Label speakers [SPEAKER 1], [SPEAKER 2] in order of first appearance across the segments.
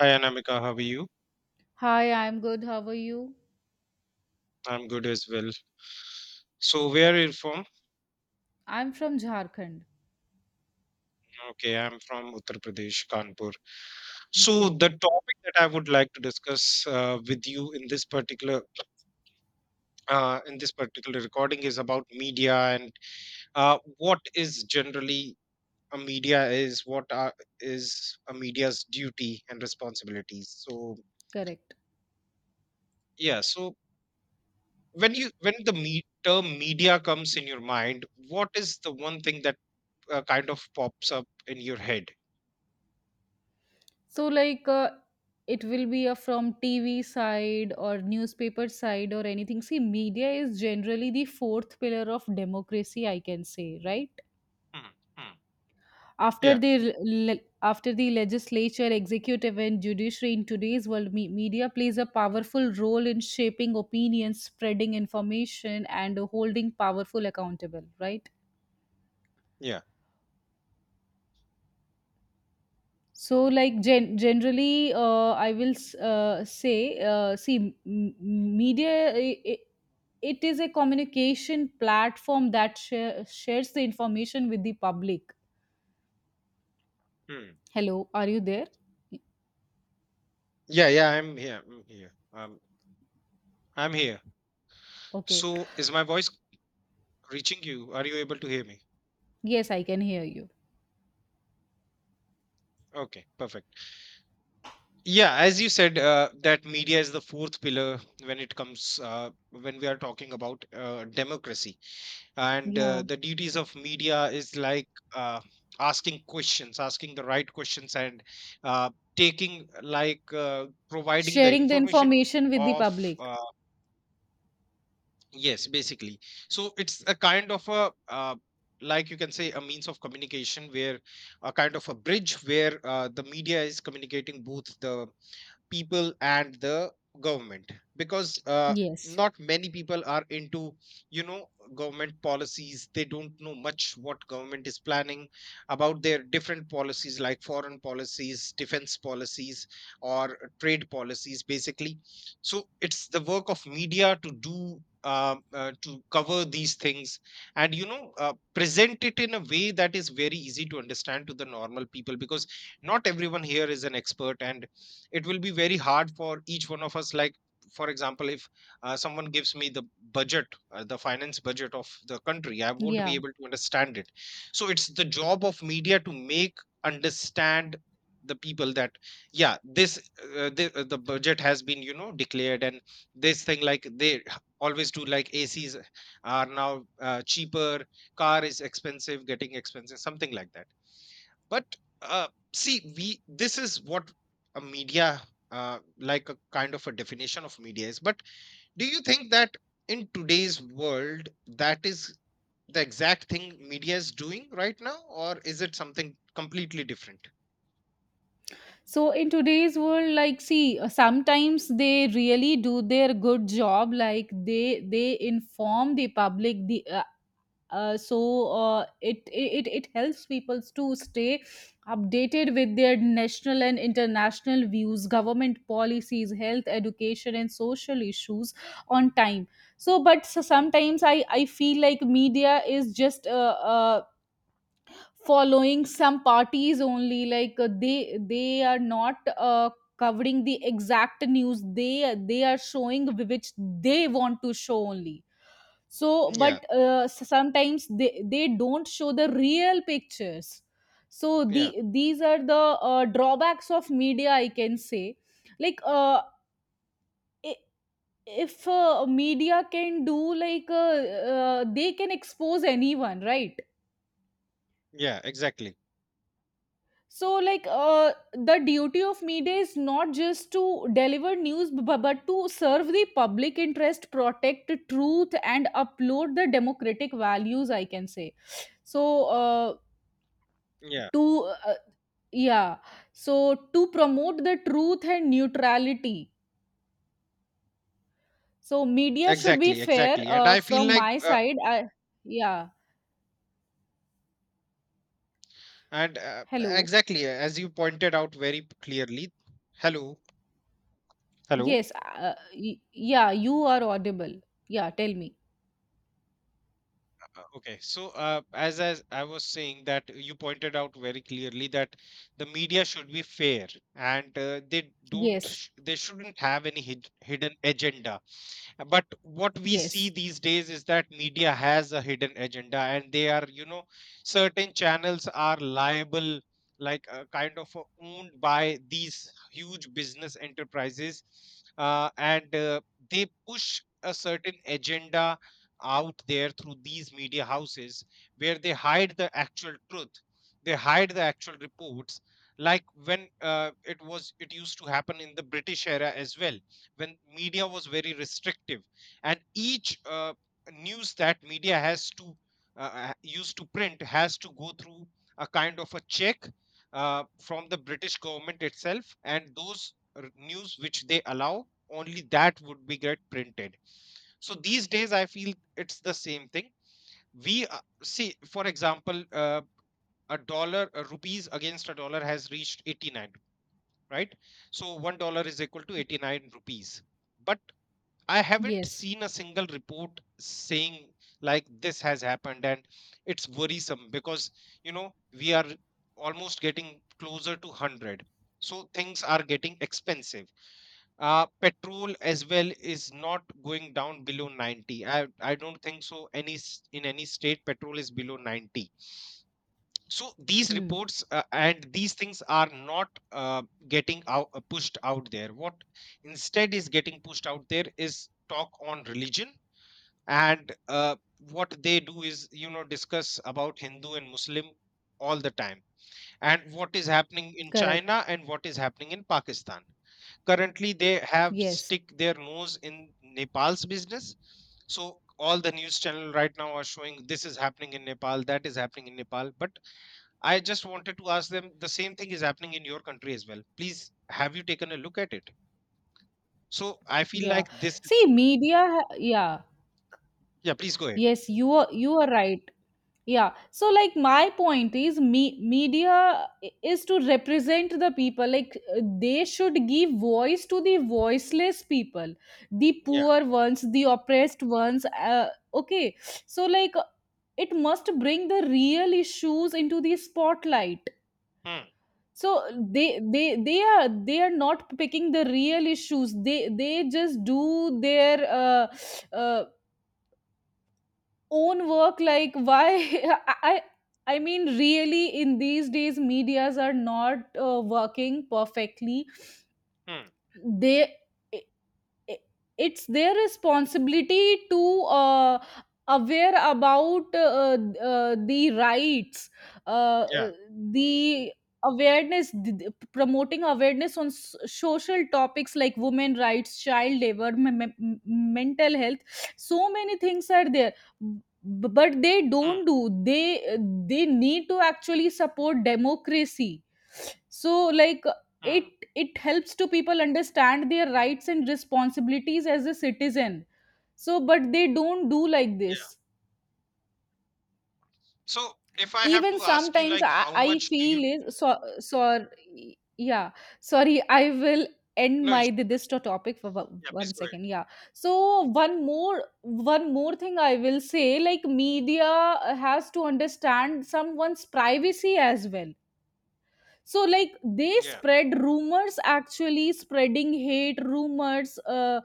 [SPEAKER 1] Hi Anamika, how are you?
[SPEAKER 2] Hi, I'm good. How are you?
[SPEAKER 1] I'm good as well. So, where are you from?
[SPEAKER 2] I'm from Jharkhand.
[SPEAKER 1] Okay, I'm from Uttar Pradesh, Kanpur. So,
[SPEAKER 2] Okay.
[SPEAKER 1] the topic that I would like to discuss with you in this particular in this particular recording is about media and what is generally a media is what are, is a media's duty and responsibilities. So,
[SPEAKER 2] Correct.
[SPEAKER 1] yeah. So, when you when the me- term media comes in your mind, what is the one thing that kind of pops up in your head?
[SPEAKER 2] So, like, it will be a from TV side or newspaper side or anything. See, media is generally the fourth pillar of democracy, I can say, right?
[SPEAKER 1] Hmm. Hmm.
[SPEAKER 2] After
[SPEAKER 1] Yeah,
[SPEAKER 2] the after the legislature, executive, and judiciary, in today's world, media plays a powerful role in shaping opinions, spreading information, and holding powerful accountable, right?
[SPEAKER 1] yeah,
[SPEAKER 2] I will say, see, media. It is a communication platform that shares the information with the public.
[SPEAKER 1] hmm,
[SPEAKER 2] Hello, are you there?
[SPEAKER 1] yeah, yeah. I'm here. I'm here. I'm here.
[SPEAKER 2] Okay.
[SPEAKER 1] So, is my voice reaching you? Are you able to hear me?
[SPEAKER 2] Yes, I can hear you.
[SPEAKER 1] Okay, perfect. Yeah, as you said, that media is the fourth pillar when it comes when we are talking about democracy, and
[SPEAKER 2] Yeah.
[SPEAKER 1] the duties of media is like uh, asking questions, asking the right questions, and taking providing the
[SPEAKER 2] Sharing the
[SPEAKER 1] information
[SPEAKER 2] information with the
[SPEAKER 1] of
[SPEAKER 2] public.
[SPEAKER 1] uh, yes, basically. So it's a kind of a like you can say a means of communication where a kind of a bridge where the media is communicating both the people and the government because
[SPEAKER 2] Yes.
[SPEAKER 1] not many people are into you know government policies. They don't know much what government is planning about their different policies, like foreign policies, defense policies, or trade policies basically. So it's the work of media to do to cover these things and you know present it in a way that is very easy to understand to the normal people, because not everyone here is an expert and it will be very hard for each one of us. Like, for example, if someone gives me the budget the finance budget of the country, I won't be
[SPEAKER 2] Yeah.
[SPEAKER 1] able to understand it. So it's the job of media to make understand the people that yeah, this the budget has been you know declared, and this thing like they always do, like ACs are now cheaper, car is expensive, getting expensive, something like that. But uh, see we this is what a media like a kind of a definition of media is. But do you think that in today's world that is the exact thing media is doing right now, or is it something completely different?
[SPEAKER 2] So in today's world, like, see, sometimes they really do their good job. Like, they inform the public the so it, it it helps people to stay updated with their national and international views, government policies, health, education, and social issues on time. So, sometimes I feel like media is just following some parties only, they are not covering the exact news. They are showing which they want to show only. so but
[SPEAKER 1] Yeah,
[SPEAKER 2] uh, s- sometimes they don't show the real pictures. so the
[SPEAKER 1] yeah,
[SPEAKER 2] these are the drawbacks of media, I can say. like uh, i- if media can do, they can expose anyone, right?
[SPEAKER 1] yeah, exactly.
[SPEAKER 2] So, the duty of media is not just to deliver news, but to serve the public interest, protect truth, and upload the democratic values, I can say. So,
[SPEAKER 1] Yeah,
[SPEAKER 2] to yeah, so to promote the truth and neutrality. So, media should be
[SPEAKER 1] exactly,
[SPEAKER 2] fair,
[SPEAKER 1] exactly. And I feel
[SPEAKER 2] from
[SPEAKER 1] like
[SPEAKER 2] my side. Yeah.
[SPEAKER 1] and
[SPEAKER 2] Hello?
[SPEAKER 1] exactly as you pointed out very clearly. Hello, hello.
[SPEAKER 2] Yes. Yeah, you are audible. Yeah, tell me.
[SPEAKER 1] Okay, so as I was saying, that you pointed out very clearly that the media should be fair and they don't
[SPEAKER 2] Yes,
[SPEAKER 1] sh- they shouldn't have any hidden agenda. But what we see
[SPEAKER 2] yes,
[SPEAKER 1] these days is that media has a hidden agenda, and they are you know certain channels are liable, like kind of owned by these huge business enterprises. And They push a certain agenda out there through these media houses, where they hide the actual truth, they hide the actual reports. Like, when it used to happen in the British era as well, when media was very restrictive, and each news that media has to used to print has to go through a kind of a check from the British government itself, and those news which they allow, only that would be get printed. So these days I feel it's the same thing. We see, for example, a dollar, rupees against a dollar has reached 89, right? So $1 is equal to 89 rupees. But I haven't
[SPEAKER 2] yes.
[SPEAKER 1] seen a single report saying like this has happened, and it's worrisome because you know we are almost getting closer to 100. So things are getting expensive. Uh, petrol as well is not going down below 90. I don't think so any in any state petrol is below 90. So these
[SPEAKER 2] Hmm.
[SPEAKER 1] reports and these things are not getting out, pushed out there. What instead is getting pushed out there is talk on religion. And what they do is you know discuss about Hindu and Muslim all the time, and what is happening in
[SPEAKER 2] Correct.
[SPEAKER 1] China and what is happening in Pakistan. Currently they have
[SPEAKER 2] Yes.
[SPEAKER 1] stick their nose in Nepal's business. So all the news channel right now are showing this is happening in Nepal, that is happening in Nepal. But I just wanted to ask them, the same thing is happening in your country as well, please, have you taken a look at it? So I feel
[SPEAKER 2] Yeah.
[SPEAKER 1] like this is
[SPEAKER 2] See, media. Yeah.
[SPEAKER 1] yeah please go ahead
[SPEAKER 2] Yes, you are. You are right. Yeah. So, like, my point is, me media is to represent the people. Like, they should give voice to the voiceless people, the
[SPEAKER 1] yeah.
[SPEAKER 2] poor ones, the oppressed ones. Okay. So, like, it must bring the real issues into the spotlight.
[SPEAKER 1] Hmm.
[SPEAKER 2] So they are not picking the real issues. They just do their uh, own work, like, why... i i I mean, really, in these days medias are not working perfectly.
[SPEAKER 1] Hmm.
[SPEAKER 2] they i- it's their responsibility to uh, aware about, the rights, uh,
[SPEAKER 1] Yeah.
[SPEAKER 2] uh, the awareness th- th- promoting awareness on social topics, like women rights, child labor, mental health. So many things are there. But they
[SPEAKER 1] Hmm.
[SPEAKER 2] don't do. They they need to actually support democracy. So, like, it
[SPEAKER 1] Hmm.
[SPEAKER 2] it helps to people understand their rights and responsibilities as a citizen, so but they don't do like this.
[SPEAKER 1] Yeah. So if I have
[SPEAKER 2] Even
[SPEAKER 1] to ask you,
[SPEAKER 2] sometimes
[SPEAKER 1] like, how
[SPEAKER 2] I
[SPEAKER 1] much do you?
[SPEAKER 2] feel is so, sorry. Yeah, sorry, I will end
[SPEAKER 1] No issues.
[SPEAKER 2] my th-
[SPEAKER 1] No
[SPEAKER 2] this
[SPEAKER 1] issues.
[SPEAKER 2] to- topic for one
[SPEAKER 1] Yeah, please
[SPEAKER 2] one
[SPEAKER 1] go ahead.
[SPEAKER 2] second. Yeah. So, one more thing I will say, like, media has to understand someone's privacy as well. So, like, they
[SPEAKER 1] Yeah.
[SPEAKER 2] spread rumors, actually spreading hate rumors,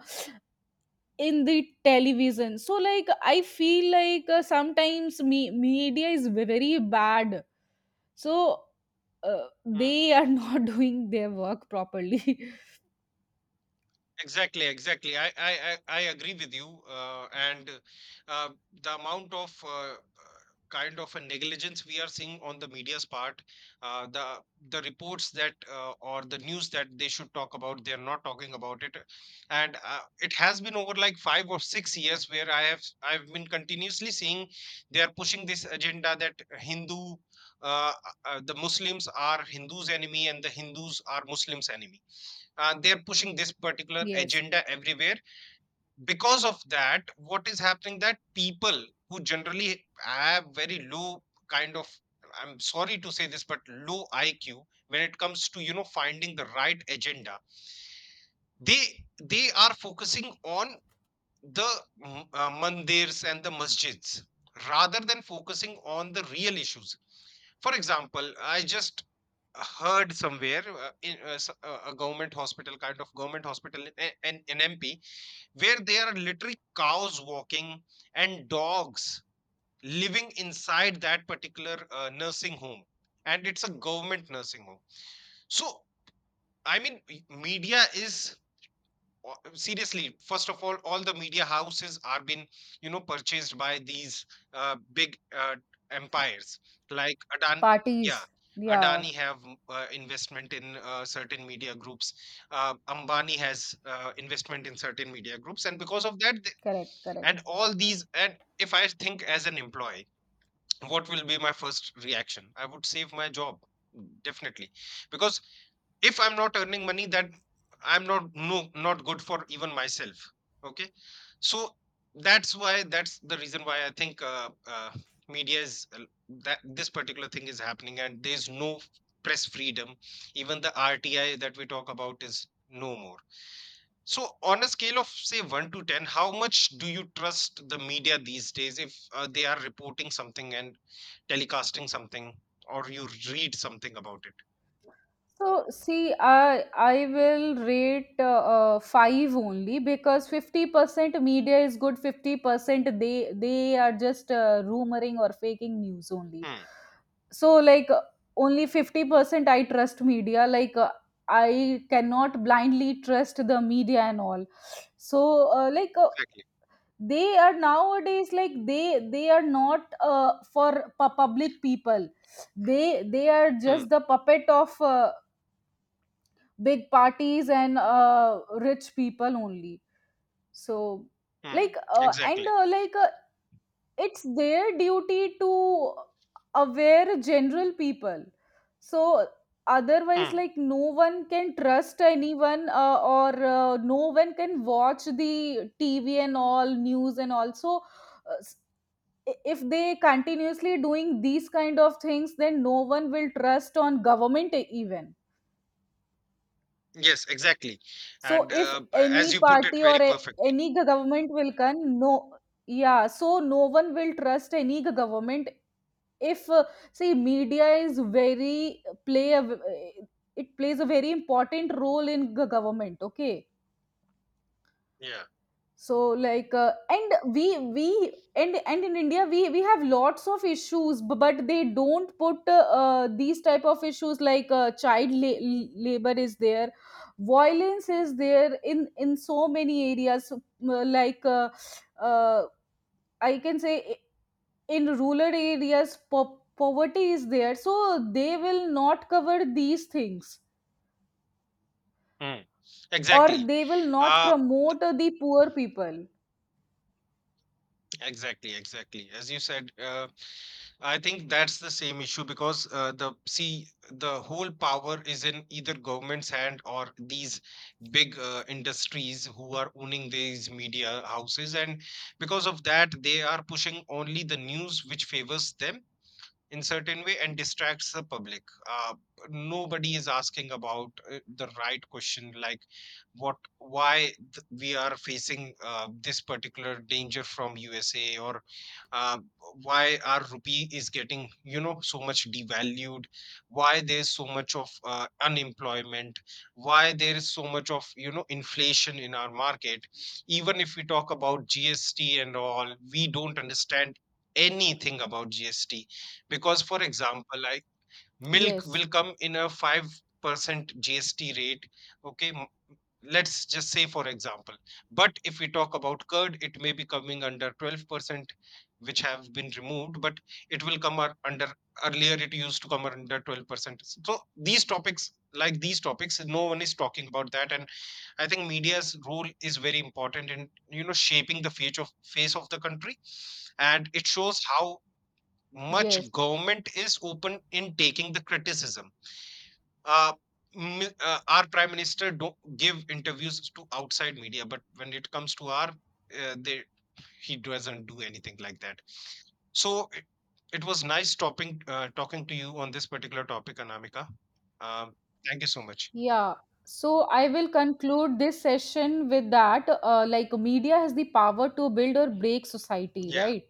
[SPEAKER 2] in the television. So, like, I feel like sometimes media is very bad. So
[SPEAKER 1] Hmm.
[SPEAKER 2] they are not doing their work properly.
[SPEAKER 1] Exactly, exactly. I agree with you. And uh, the amount of kind of a negligence we are seeing on the media's part, uh, the the reports that or the news that they should talk about, they're not talking about it. And it has been over like 5 or 6 years where I've been continuously seeing they are pushing this agenda that Hindu. Uh, the Muslims are Hindus' enemy and the Hindus are Muslims' enemy. They are pushing this particular
[SPEAKER 2] Yes.
[SPEAKER 1] agenda everywhere. Because of that, what is happening that people who generally have very low kind of, I'm sorry to say this, but low IQ when it comes to you know finding the right agenda, they they are focusing on the mandirs and the masjids rather than focusing on the real issues. For example, I just heard somewhere a government hospital, kind of government hospital, in MP, where there are literally cows walking and dogs living inside that particular nursing home, and it's a government nursing home. So I mean, media is seriously, first of all the media houses are been you know purchased by these big empires, like Adan yeah,
[SPEAKER 2] Parties. Yeah,
[SPEAKER 1] Adani have investment in certain media groups. Ambani has investment in certain media groups. And because of that
[SPEAKER 2] correct, correct.
[SPEAKER 1] and all these, and if I think as an employee, what will be my first reaction? I would save my job, mm, definitely. Because if I'm not earning money, that I'm not, no, not good for even myself. Okay, so that's why, that's the reason why I think media is that this particular thing is happening, and there's no press freedom. Even the RTI that we talk about is no more. So, on a scale of say 1 to 10, how much do you trust the media these days if they are reporting something and telecasting something, or you read something about it?
[SPEAKER 2] So see, I will rate five only because 50% media is good. 50% they are just rumoring or faking news only.
[SPEAKER 1] Hmm,
[SPEAKER 2] So, like, only 50% I trust media. Like, I cannot blindly trust the media and all. So, like,
[SPEAKER 1] exactly.
[SPEAKER 2] they are nowadays, like, they are not for public people. They are
[SPEAKER 1] Hmm,
[SPEAKER 2] just the puppet of big parties and rich people only. So,
[SPEAKER 1] hmm,
[SPEAKER 2] like, and
[SPEAKER 1] exactly.
[SPEAKER 2] like it's their duty to aware general people. So otherwise,
[SPEAKER 1] Hmm.
[SPEAKER 2] like, no one can trust anyone, or no one can watch the TV and all news, and also, uh, s- if they continuously doing these kind of things, then no one will trust on government even.
[SPEAKER 1] Yes, exactly.
[SPEAKER 2] So
[SPEAKER 1] And
[SPEAKER 2] if
[SPEAKER 1] as
[SPEAKER 2] any
[SPEAKER 1] you put it
[SPEAKER 2] party
[SPEAKER 1] very
[SPEAKER 2] or
[SPEAKER 1] perfectly.
[SPEAKER 2] any government will come, no, yeah, so no one will trust any government. If See, media is very play a, v- it plays a very important role in government. Okay,
[SPEAKER 1] Yeah.
[SPEAKER 2] so, like, and we and in India we have lots of issues, but they don't put these type of issues, like, child labor is there, violence is there in so many areas. So, uh, like uh, uh, I can say, in rural areas, poverty is there, so they will not cover these things,
[SPEAKER 1] Hmm.
[SPEAKER 2] or
[SPEAKER 1] Exactly.
[SPEAKER 2] they will not
[SPEAKER 1] Uh,
[SPEAKER 2] promote the poor people.
[SPEAKER 1] exactly, exactly. As you said, I think that's the same issue because the see the whole power is in either government's hand or these big industries who are owning these media houses, and because of that, they are pushing only the news which favors them in certain way, and distracts the public. uh, Nobody is asking about the right question. Like, what why we are facing this particular danger from USA, or uh, why our rupee is getting you know so much devalued, why there's so much of unemployment, why there is so much of you know inflation in our market. Even if we talk about GST and all, we don't understand anything about GST, because, for example, like milk
[SPEAKER 2] Yes,
[SPEAKER 1] will come in a 5% GST rate. Okay. Let's just say, for example. But if we talk about curd, it may be coming under 12%, which have been removed, but it will come under, earlier, it used to come under 12%. So, these topics, like these topics, no one is talking about that. And I think media's role is very important in you know shaping the face of the country, and it shows how much
[SPEAKER 2] yes.
[SPEAKER 1] government is open in taking the criticism. Uh, our prime minister don't give interviews to outside media, but when it comes to our, uh, they, he doesn't do anything like that. So it was nice talking talking to you on this particular topic, Anamika. Um, Thank you so much.
[SPEAKER 2] Yeah, so I will conclude this session with that. Like, media has the power to build or break society,
[SPEAKER 1] Yeah,
[SPEAKER 2] right?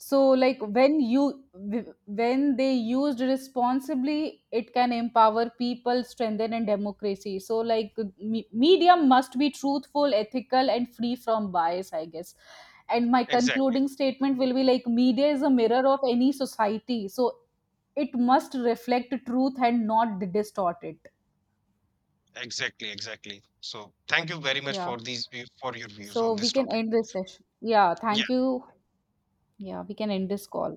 [SPEAKER 2] So, like, when they used responsibly, it can empower people, strengthen and democracy. So, like, media must be truthful, ethical, and free from bias, I guess. And my
[SPEAKER 1] exactly,
[SPEAKER 2] concluding statement will be like, media is a mirror of any society, so it must reflect truth and not distort it.
[SPEAKER 1] exactly, exactly. So thank you very much
[SPEAKER 2] Yeah.
[SPEAKER 1] for these for your views
[SPEAKER 2] So
[SPEAKER 1] on
[SPEAKER 2] we
[SPEAKER 1] this
[SPEAKER 2] can
[SPEAKER 1] topic.
[SPEAKER 2] end this session. Yeah,
[SPEAKER 1] Yeah.
[SPEAKER 2] thank you. Yeah, we can end this call.